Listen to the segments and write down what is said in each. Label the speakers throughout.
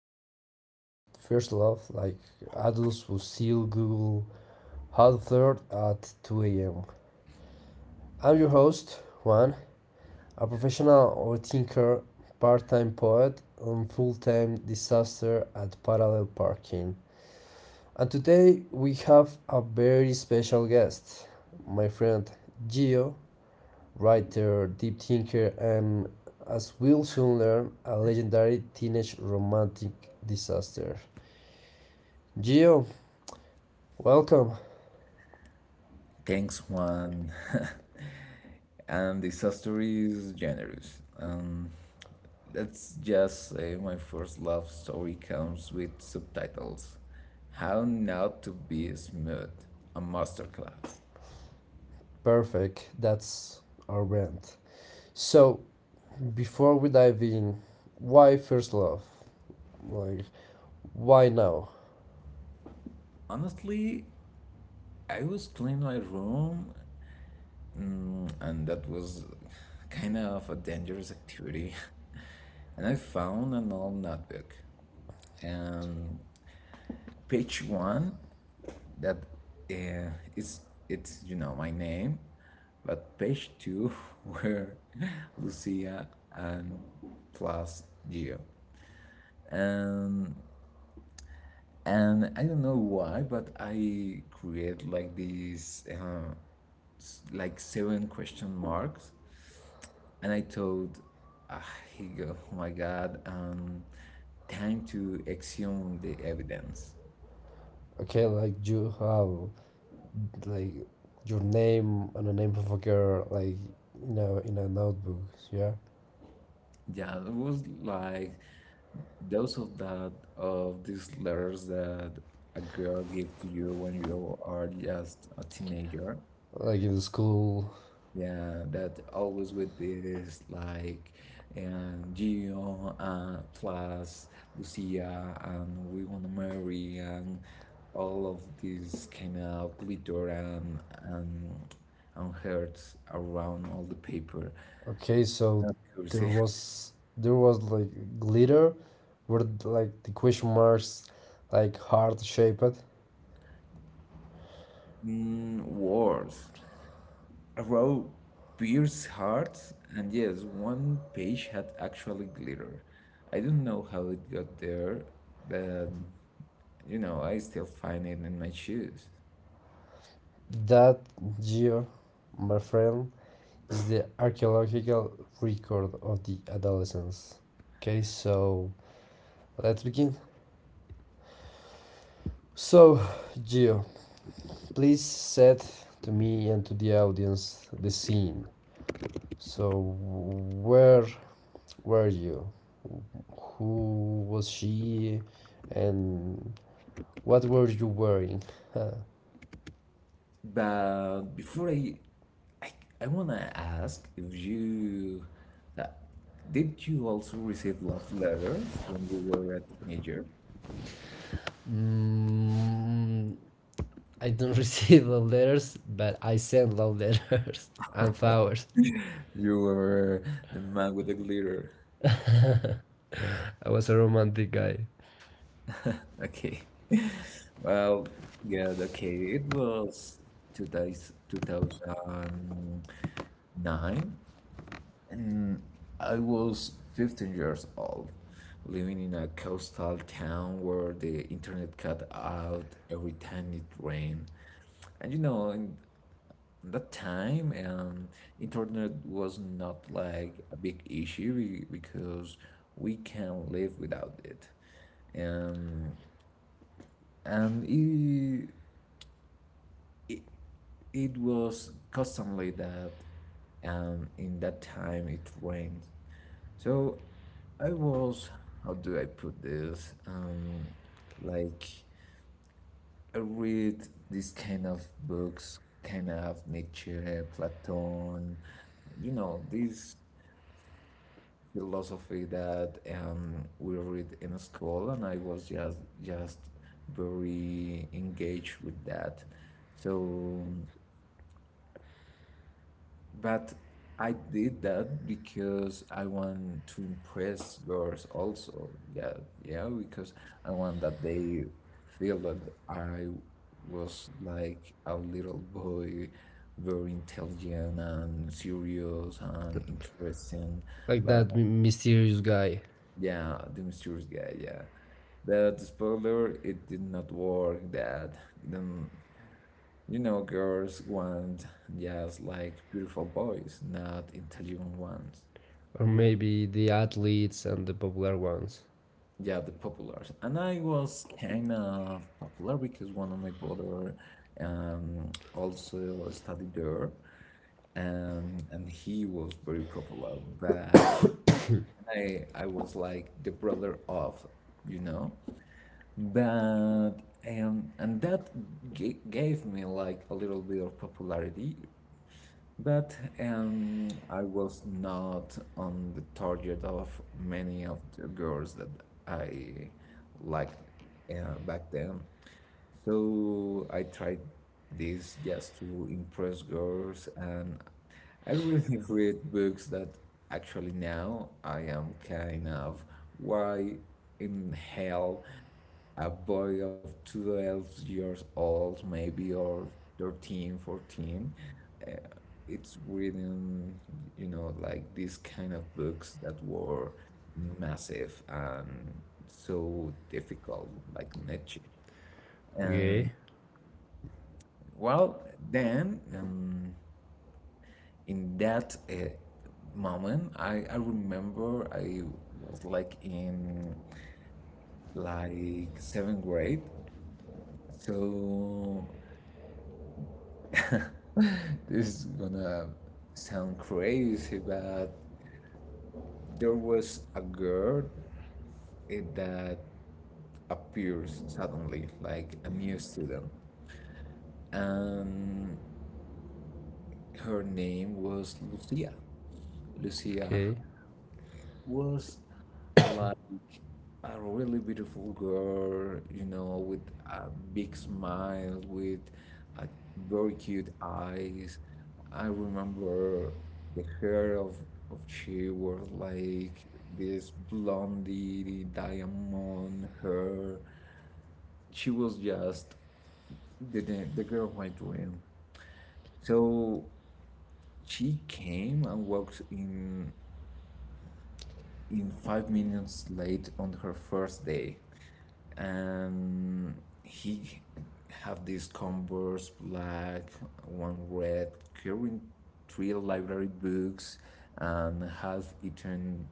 Speaker 1: we talk about first love like adults who still Google how to flirt at 2 a.m. I'm your host, Juan, a professional overthinker, part time poet, and full time disaster at parallel parking. And today we have a very special guest, my friend Gio, writer, deep thinker, and, as we'll soon learn, a legendary teenage romantic disaster. Gio, welcome.
Speaker 2: Thanks, Juan. And this story is generous. Let's just say my first love story comes with subtitles. How not to be smooth, a masterclass.
Speaker 1: Perfect, that's our brand. So, before we dive in, why first love? Like, why now?
Speaker 2: Honestly, I was cleaning my room, and that was kind of a dangerous activity. And I found an old notebook. And page one that uh, is it's my name, but page two were Lucia and plus Gio, and and I don't know why, but I create like these like seven question marks, and I thought, ah, he go, oh my god, time to exhume the evidence.
Speaker 1: Okay, like you have like your name and the name of a girl, like in a notebook, yeah,
Speaker 2: Yeah, it was like those of these letters that a girl gave to you when you are just a teenager,
Speaker 1: like in the school.
Speaker 2: yeah, that always with this like, and Gio plus Lucia, and we wanna marry, and all of this kind of glitter and hearts around all the paper.
Speaker 1: Okay,
Speaker 2: It's
Speaker 1: so
Speaker 2: not
Speaker 1: there
Speaker 2: cursive.
Speaker 1: was there was like glitter where like the question marks like heart shaped.
Speaker 2: Mm, worse. Row pierced hearts, and yes, one page had actually glitter. I don't know how it got there, but I still find it in my shoes.
Speaker 1: That year, my friend, is the archaeological record of the adolescence. Okay, so let's begin. So, Gio, please set to me and to the audience the scene. So, where were you? Who was she? And what were you wearing? Huh.
Speaker 2: But before I, I wanna ask, if you, uh, did you also receive love letters when you were a teenager?
Speaker 1: Mm, I don't receive love letters, but I send love letters and flowers.
Speaker 2: You were the man with the glitter.
Speaker 1: I was a romantic guy,
Speaker 2: Okay. Well, yeah, okay. It was 2009, and I was 15 years old, living in a coastal town where the internet cut out every time it rained. And in that time, internet was not like a big issue because we can live without it. Um, and it, it was customary that in that time it rained. So I was, how do I put this? Like, I read these kind of books, kind of Nietzsche, Platon, this philosophy that we read in school, and I was just very engaged with that. So But I did that because I want to impress girls also. Yeah, yeah, because I want that they feel that I was like a little boy, very intelligent and serious and interesting.
Speaker 1: like
Speaker 2: But
Speaker 1: that mysterious guy,
Speaker 2: yeah, the mysterious guy, yeah. But the spoiler, it did not work that. Then girls want just like beautiful boys, not intelligent ones.
Speaker 1: or maybe the athletes and the popular ones.
Speaker 2: Yeah, the populars. And I was kind of popular because one of my brother also studied there, and he was very popular. But I was like the brother of, you know. But and that g gave me like a little bit of popularity. But I was not on the target of many of the girls that I liked back then. So I tried this just to impress girls, and I really read books that actually now I am kind of why in hell a boy of 12 years old maybe, or 13, 14, uh, it's reading like these kind of books that were massive and so difficult, like Nietzsche and,
Speaker 1: Okay,
Speaker 2: well, then in that moment, I remember I was like in, like, seventh grade. So this is gonna sound crazy, but there was a girl, that appears suddenly, like a new student, and her name was Lucia. Lucia
Speaker 1: okay,
Speaker 2: was like a really beautiful girl, with a big smile, with a very cute eyes. I remember the hair of she was like this blondie diamond hair. She was just the girl of my dream. So she came and walked in 5 minutes late on her first day, and he have these Converse, black, one red, carrying three library books and half eaten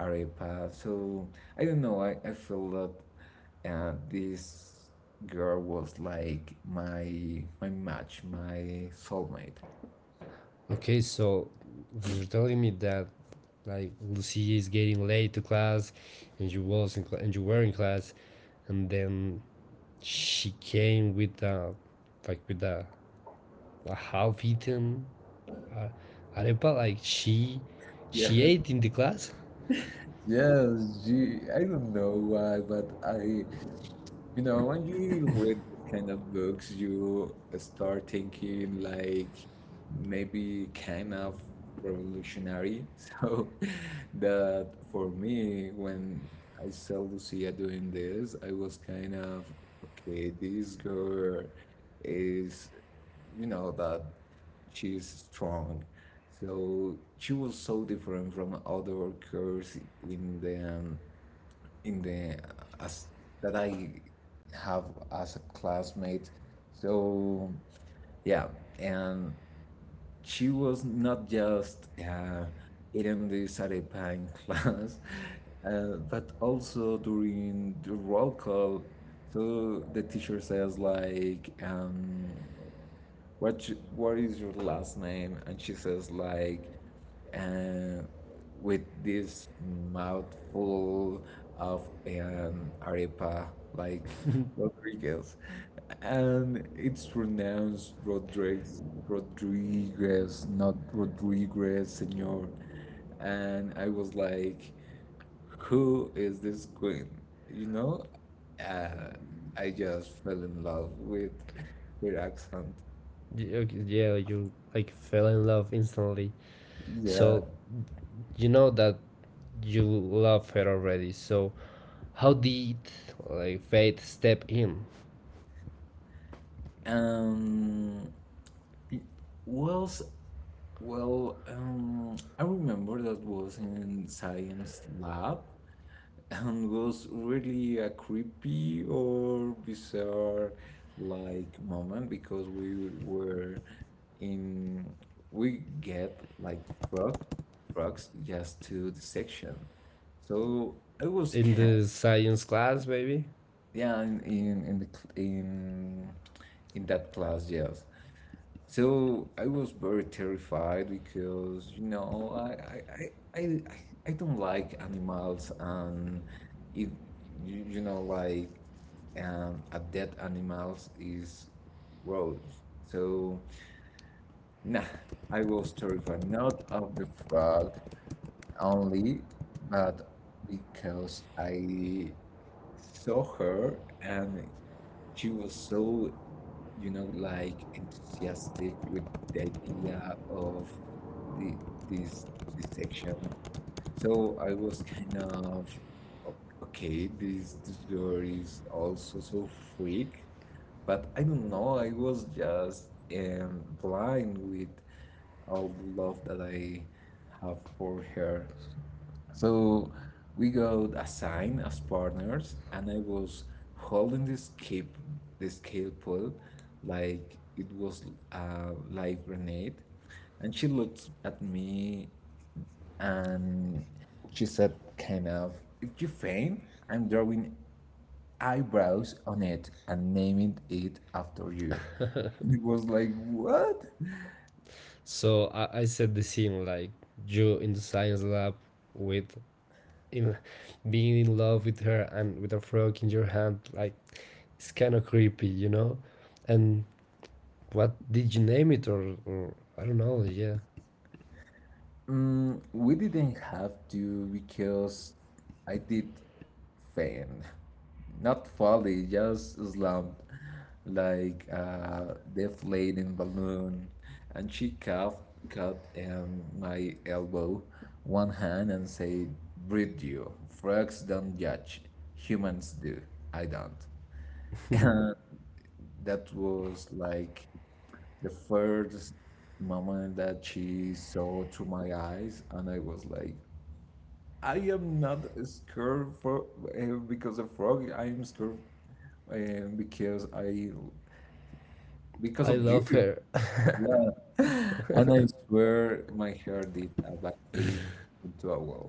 Speaker 2: arepa. So I don't know, I feel that this girl was like my match, my soulmate.
Speaker 1: okay. So you're telling me that like Lucy is getting late to class, and you were in class, and then she came with a half eaten arepa. Like she,
Speaker 2: Yeah,
Speaker 1: she ate in the class.
Speaker 2: yes, She. I don't know why, but I you know, when you read these kind of books, you start thinking like maybe kind of revolutionary. So that for me, when I saw Lucia doing this, I was kind of, okay, this girl is, that she's strong. So she was so different from other girls in the in the as that I have as a classmate. So yeah, and she was not just eating this arepa in class, but also during the roll call. So the teacher says like, what is your last name, and she says like, uh, with this mouthful of an arepa, like, Rodriguez. And it's pronounced Rodriguez, Rodriguez, not Rodriguez, senor. And I was like, who is this queen? You know, uh, I just fell in love with her accent.
Speaker 1: Okay, yeah, like, you like fell in love instantly.
Speaker 2: Yeah.
Speaker 1: So you know that you love her already. So how did like fate step in
Speaker 2: Um, it was well. I remember that was in science lab, and was really a creepy or bizarre, like, moment, because we were in we get like frog frogs just to the section. So I was
Speaker 1: in
Speaker 2: kind.
Speaker 1: the science class, baby?
Speaker 2: Yeah, in, the, cl- in that class, yes. So I was very terrified because, i i, I, I don't like animals, and if you, you know like a dead animals is gross. So, nah, I was terrified, not of the frog only, but because I saw her, and she was so, like, enthusiastic with the idea of the this this section. So I was kind of, "O- okay, this girl is also so freak. But I don't know, I was just blind with all the love that I have for her. So we got assigned as partners, and I was holding this catapult, like it was a live grenade. And she looked at me, and she said, kind of, if you faint, I'm drawing eyebrows on it and naming it after you. It was like, what?
Speaker 1: So I said the scene like you in the science lab with in being in love with her and with a frog in your hand, like it's kind of creepy, and what did you name it, or I don't know. Yeah,
Speaker 2: Mm, we didn't have to, because I did faint. Not fully, just slumped like a deflating balloon. And she coughed, cut my elbow, one hand, and said, Breathe you. Frogs don't judge. Humans do. I don't. That was like the first moment that she saw through my eyes, and I was like, I am not scared for because of frog. I am scared uh, because I because
Speaker 1: I
Speaker 2: of you.
Speaker 1: love her.
Speaker 2: Yeah, and I swear my hair did exactly into a wall.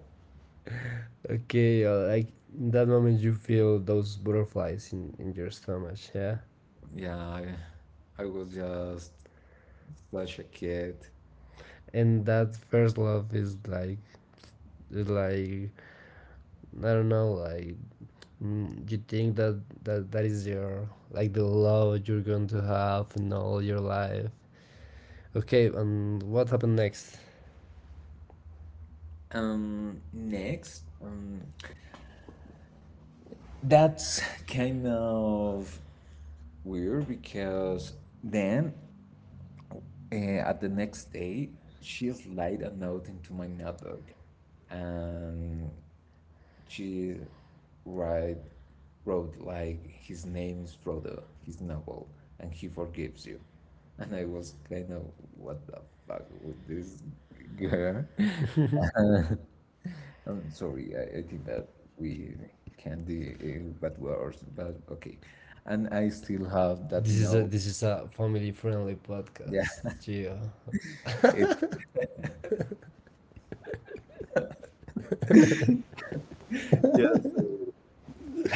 Speaker 1: Okay, like in that moment you feel those butterflies in your stomach. Yeah,
Speaker 2: Yeah, I was just such a kid.
Speaker 1: and that first love is like I don't know like. You think that that is your like the love you're going to have in all your life. Okay, and what happened next?
Speaker 2: Next, that's kind of weird, because then, Uh, at the next day, she slid a note into my notebook, and she write, wrote like, his name's Frodo, his novel, and he forgives you. And I was kind of, what the fuck with this girl. I'm sorry, I think that we can do bad words, but okay. And I still have that
Speaker 1: this is a
Speaker 2: note.
Speaker 1: this is a family friendly
Speaker 2: Yeah,
Speaker 1: podcast, Gio.
Speaker 2: it.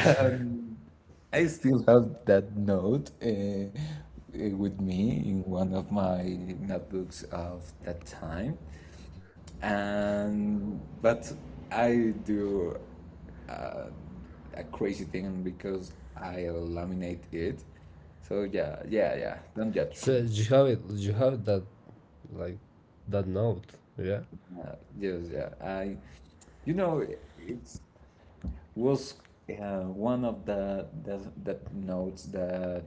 Speaker 2: I still have that note, with me, in one of my notebooks of that time, and but I do uh, a crazy thing because I laminate it. So yeah, yeah, yeah. Don't judge
Speaker 1: So
Speaker 2: me.
Speaker 1: you have that, like, that note, yeah?
Speaker 2: Yes, yeah. It was one of the that notes that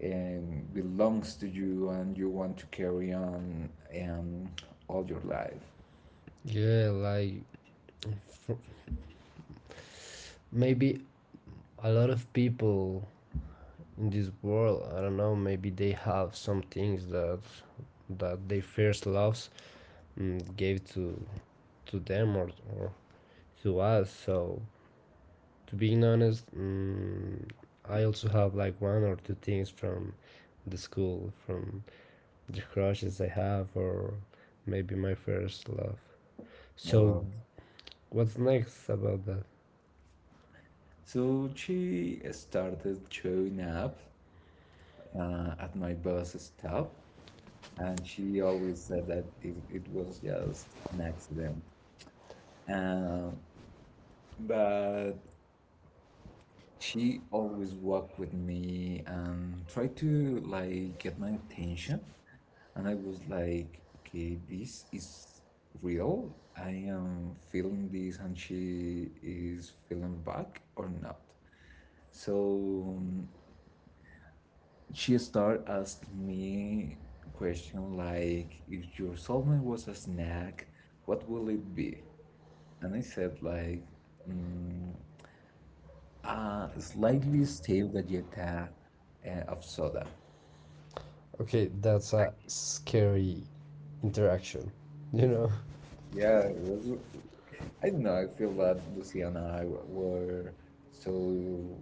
Speaker 2: and belongs to you, and you want to carry on um, all your life.
Speaker 1: Yeah, like, f maybe a lot of people in this world, I don't know, maybe they have some things that their first loves, gave to them, or to us. So to being honest, I also have like one or two things from the school, from the crushes I have, or maybe my first love. So
Speaker 2: Uh,
Speaker 1: what's next about that?
Speaker 2: so she started showing up at my bus stop, and she always said that it was just an accident. Uh, but she always walked with me and tried to, like, get my attention. And I was like, okay, this is real. I am feeling this, and she is feeling back or not. So she started asking me question like, if your soulmate was a snack, what will it be? And I said like, mm, slightly stale galleta of soda.
Speaker 1: Okay, that's a scary interaction, you know?
Speaker 2: Yeah, it was. I don't know. I feel that Lucy and I were so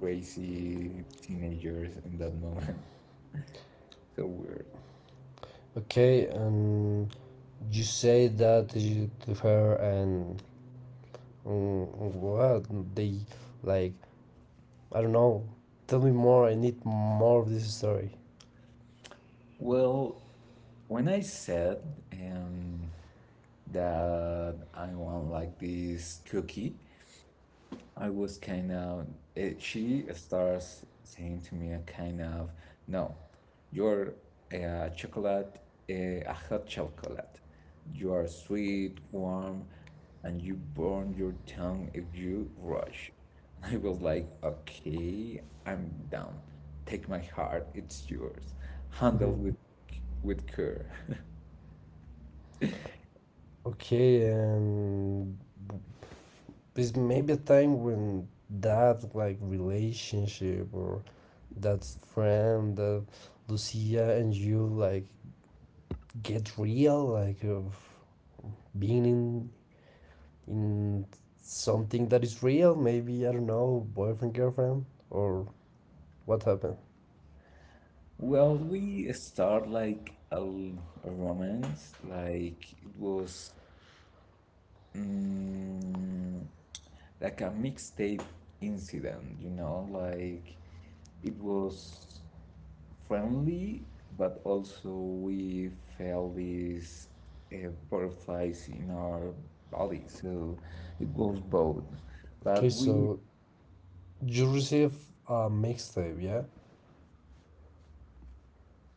Speaker 2: crazy teenagers in that moment. So weird.
Speaker 1: Okay, and you say that to her, and mm, what? They, like, I don't know. Tell me more, I need more of this story.
Speaker 2: Well, when I said um, that I want like this cookie, I was kind of, she starts saying to me, a kind of, no, you're a uh, chocolate, a hot chocolate. You are sweet, warm, and you burn your tongue if you rush. And I was like, okay, I'm down. Take my heart, it's yours. Handle with care.
Speaker 1: Okay, and there's maybe a time when that, like, relationship or that friend, that Lucia and you, like, get real, like, of being in something that is real. Maybe I don't know, boyfriend, girlfriend, or what happened?
Speaker 2: Well, we start like a romance. Like, it was mm, like a mixtape incident, like, it was friendly, but also we felt these butterflies in our body, so it was both.
Speaker 1: Okay,
Speaker 2: But we,
Speaker 1: so you receive a mixtape, yeah?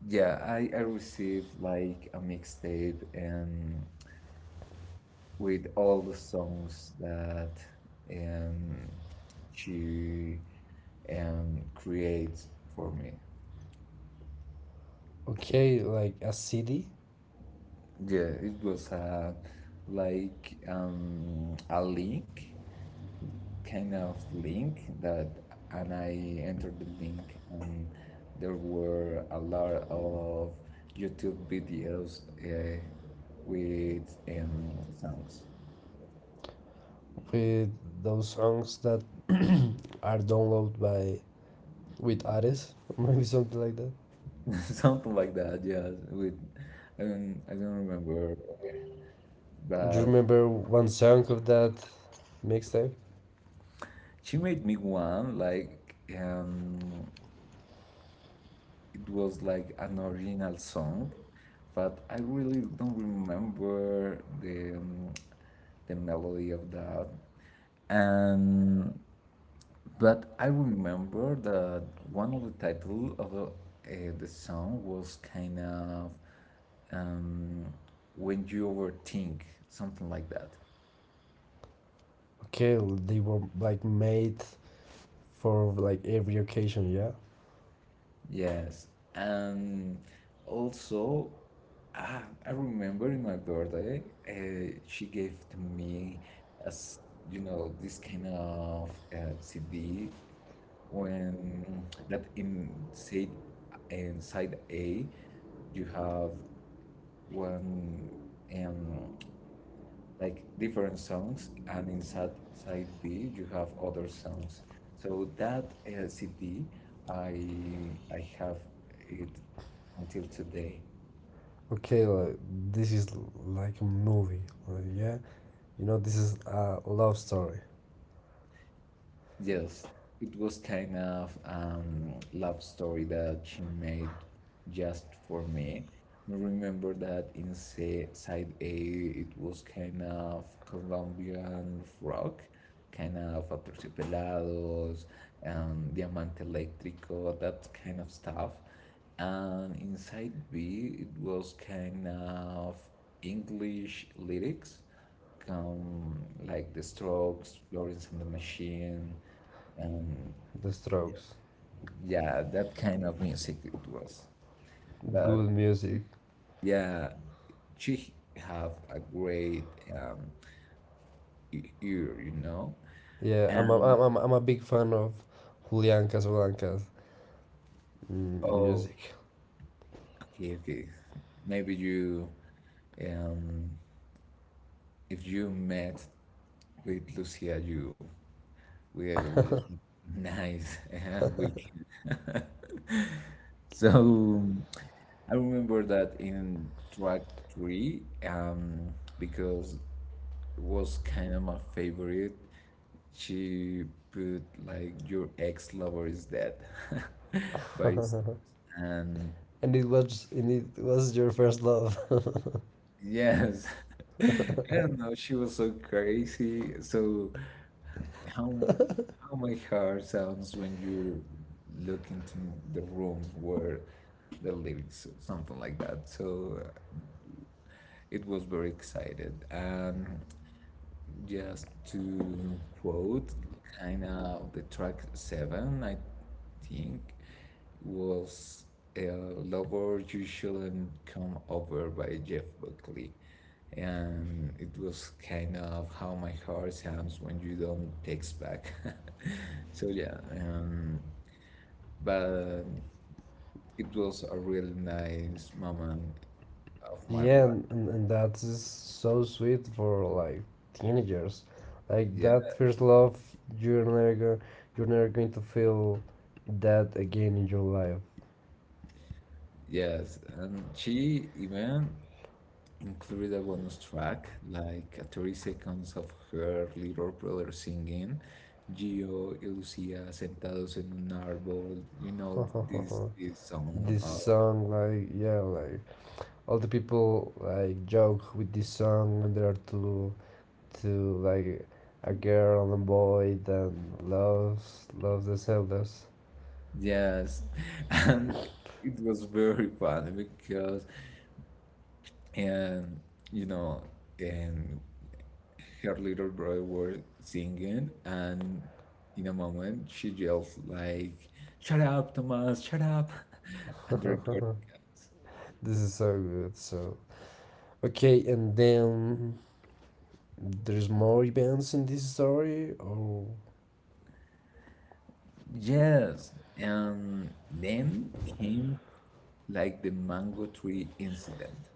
Speaker 2: yeah, I received like a mixtape, and with all the songs that um, she creates for me.
Speaker 1: Okay, like a cd
Speaker 2: Yeah, it was a link, kind of link that, and I entered the link, and there were a lot of YouTube videos, with songs,
Speaker 1: with those songs that are downloaded by, with artists, maybe something like that?
Speaker 2: something like that. Yeah, with I don't remember,
Speaker 1: Do you
Speaker 2: but
Speaker 1: remember one song of that mixtape?
Speaker 2: she made me one, like, it was like an original song, but I really don't remember the melody of that. And but I remember that one of the title of the song was kind of um, when you overthink something like that.
Speaker 1: Okay, they were like made for like every occasion, yeah?
Speaker 2: Yes, and also, I remember in my birthday, she gave to me as you know this kind of CD when that inside A you have one um, like different songs, and inside side B you have other songs. So that CD, I have it until today.
Speaker 1: Okay, like this is like a movie, like, yeah. You know, this is a love story.
Speaker 2: Yes, it was kind of love story that she made just for me. I remember that inside side A it was kind of Colombian rock, kind of Aterciopelados and Diamante Eléctrico, that kind of stuff. And inside B it was kind of English lyrics, um, like The Strokes, Florence and the Machine, um,
Speaker 1: The Strokes,
Speaker 2: yeah, that kind of music it was. But
Speaker 1: good music.
Speaker 2: yeah, she have a great, um, ear, you know.
Speaker 1: Yeah, I'm a,
Speaker 2: And
Speaker 1: I'm, I'm, I'm a big fan of Julian Casablancas
Speaker 2: oh,
Speaker 1: music.
Speaker 2: okay, okay. Maybe you, um, if you met with Lucia, you will have a nice weekend. So I remember that in track three, um, because was kind of my favorite. She put like your ex lover is dead by Sting. And
Speaker 1: And it was your first love.
Speaker 2: yes, I don't know. She was so crazy. So how how my heart sounds when you look into the room where the lyrics or something like that. So it was very excited. Just to quote, kind of the track seven, I think, was a Lover You Shouldn't Come Over by Jeff Buckley. And it was kind of how my heart sounds when you don't text back. So, yeah, but it was a really nice moment of my
Speaker 1: Yeah,
Speaker 2: life.
Speaker 1: and that is so sweet for like teenagers. Like
Speaker 2: Yeah,
Speaker 1: that first love, you're never go, you're never going to feel that again in your life.
Speaker 2: yes. And she even included a bonus track, like a 30 seconds of her little brother singing, Gio y Lucia sentados en un árbol, you know, this, this song.
Speaker 1: This song, like, yeah, like all the people like joke with this song, and there are two, like, a girl and a boy that loves the Zeldas.
Speaker 2: Yes, and it was very funny because, and you know, and her little brother was singing, and in a moment she yells like, "Shut up, Thomas! Shut up!" And the record.
Speaker 1: This is so good. So okay, and then there's more events in this story. Or...
Speaker 2: Yes, and then came like the mango tree incident.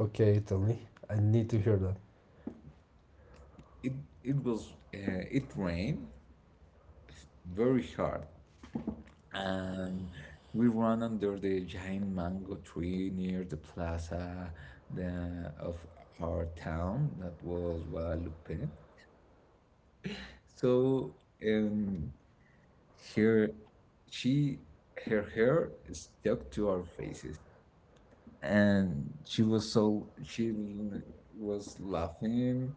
Speaker 1: Okay, tell me. I need to hear that.
Speaker 2: It it was it rained very hard, and we ran under the giant mango tree near the plaza the, of our town that was Guadalupe. So um, here she her hair stuck to our faces and she was laughing,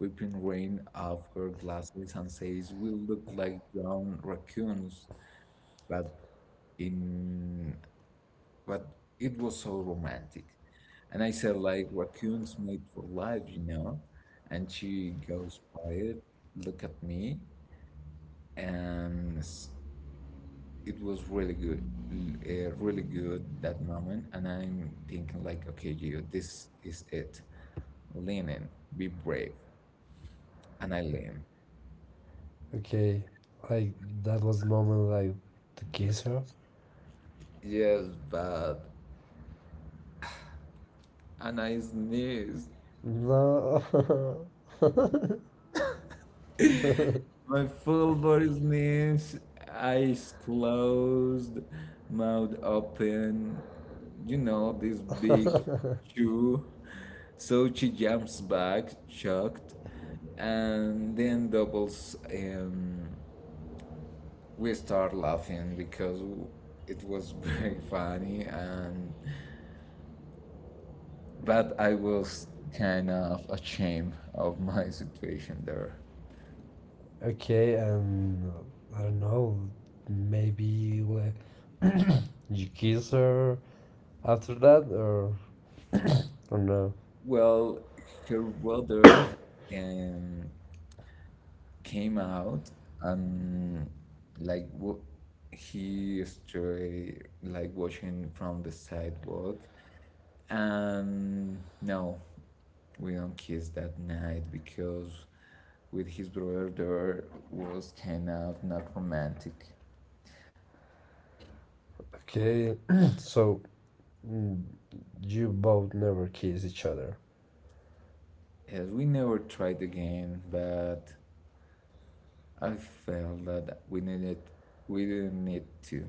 Speaker 2: wiping rain off her glasses, and says, "We look like drowned raccoons," but in but it was so romantic. And I said, like, raccoons made for life, you know? And she goes quiet, look at me, and it was really good, really good that moment. And I'm thinking like, okay, Gio, this is it. Lean in, be brave. And I lean.
Speaker 1: Okay, like that was the moment like to kiss her.
Speaker 2: Yes, but and I sneeze.
Speaker 1: No.
Speaker 2: My full body sneeze. Eyes closed, mouth open. You know this big chew. So she jumps back, shocked, and then doubles. We start laughing because it was very funny and but I was kind of ashamed of my situation there.
Speaker 1: Okay, and I don't know, maybe like, you kiss her after that, or no?
Speaker 2: Well, her brother, um, came out and like he started like watching from the sidewalk. And no, we don't kiss that night because with his brother there was kind of not romantic.
Speaker 1: Okay, so mm, you both never kiss each other.
Speaker 2: As we never tried again, but I felt that we didn't need to.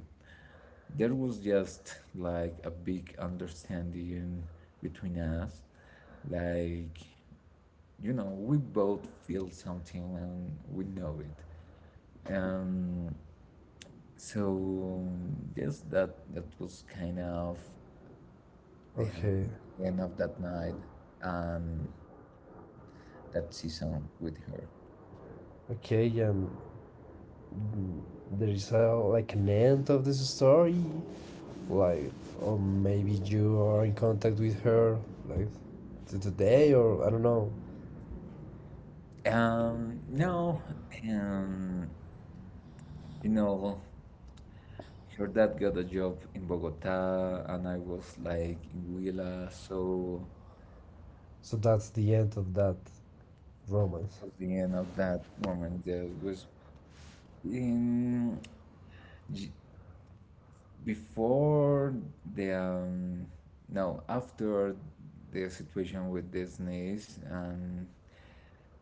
Speaker 2: There was just like a big understanding between us. Like you know, we both feel something and we know it. Um So yes, that was kind of
Speaker 1: Okay,
Speaker 2: the end of that night and that season with her.
Speaker 1: okay, and mm, there is a, like, an end of this story, like, or maybe you are in contact with her like to today, or I don't know.
Speaker 2: Now, um, you know, her dad got a job in Bogota, and I was like in Huila, so
Speaker 1: So that's the end of that romance.
Speaker 2: was the end of that moment. There was in j- before the no after the situation with Disney's and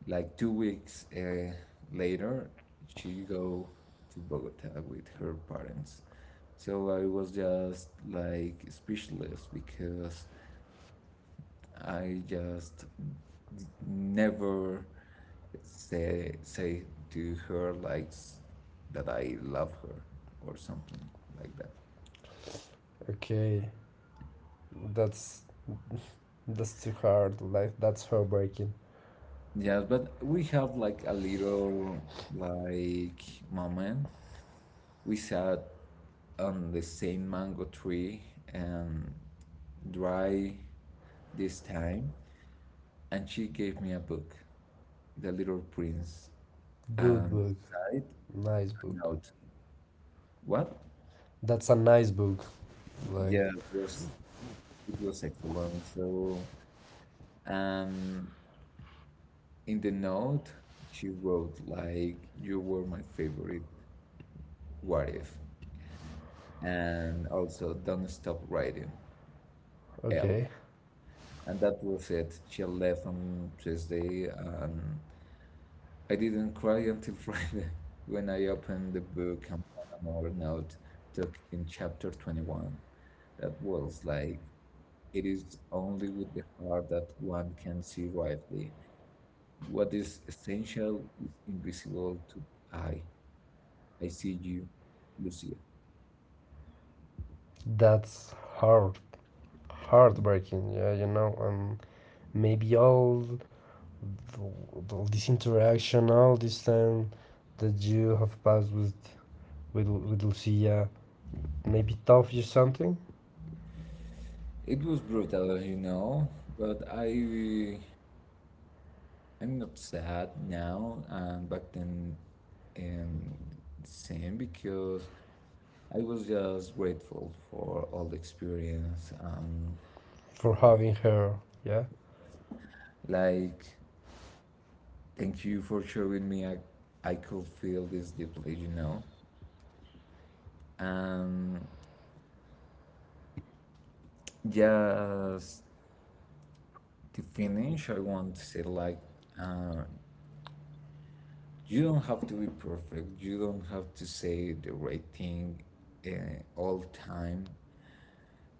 Speaker 2: like 2 weeks later, she go to Bogota with her parents. So I was just like speechless because I just never say to her like that I love her or something like that.
Speaker 1: Okay, that's That's too hard. Like that's heartbreaking.
Speaker 2: Yes, but we have like a little like moment. We sat on the same mango tree and dry this time, and she gave me a book, The Little Prince,
Speaker 1: Good
Speaker 2: and
Speaker 1: book.
Speaker 2: side
Speaker 1: Nice
Speaker 2: and
Speaker 1: book.
Speaker 2: out. What?
Speaker 1: That's a nice book. Like
Speaker 2: Yeah, it was excellent. So, um, in the note, she wrote like, "You were my favorite. What if?" And also, "Don't stop writing." L.
Speaker 1: okay.
Speaker 2: And that was it. She left on Tuesday, and I didn't cry until Friday when I opened the book and found another note tucked in chapter 21 that was like, it is only with the heart that one can see rightly. What is essential is invisible to eye. I see you, Lucia.
Speaker 1: That's hard, heartbreaking, yeah, you know, and maybe all this interaction, all this time that you have passed with Lucia, maybe taught you something,
Speaker 2: It was brutal, you know, but I'm not sad now, and back then, um, the same because I was just grateful for all the experience and
Speaker 1: for
Speaker 2: for,
Speaker 1: having her, yeah.
Speaker 2: like, thank you for showing me. I could feel this deeply, you know. And just to finish, I want to say like, uh, you don't have to be perfect. You don't have to say the right thing, all time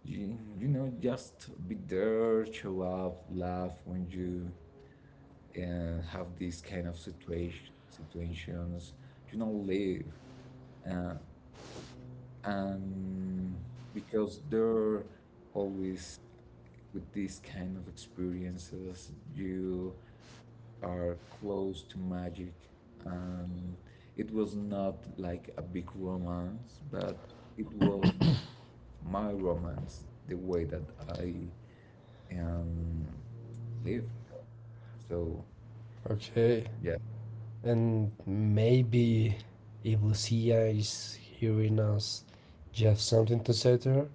Speaker 2: you, you know, just be there, show up, laugh when you, have these kind of situations, you know, live, uh, and because they're always with these kind of experiences you are close to magic, and it was not like a big romance but it was my romance the way that I am live. So, yeah.
Speaker 1: Okay. And maybe if Lucia is hearing us, do you have something to say to her?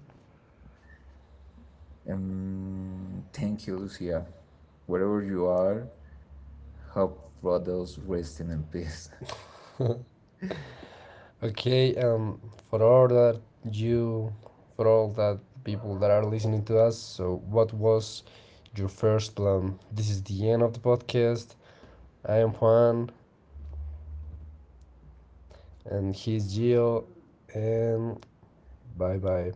Speaker 2: Thank you, Lucia. Wherever you are, hope brothers resting in peace.
Speaker 1: Okay, for all that you, for all that people that are listening to us, so what was your first plan? This is the end of the podcast. I am Juan, and he's Gio, and bye bye.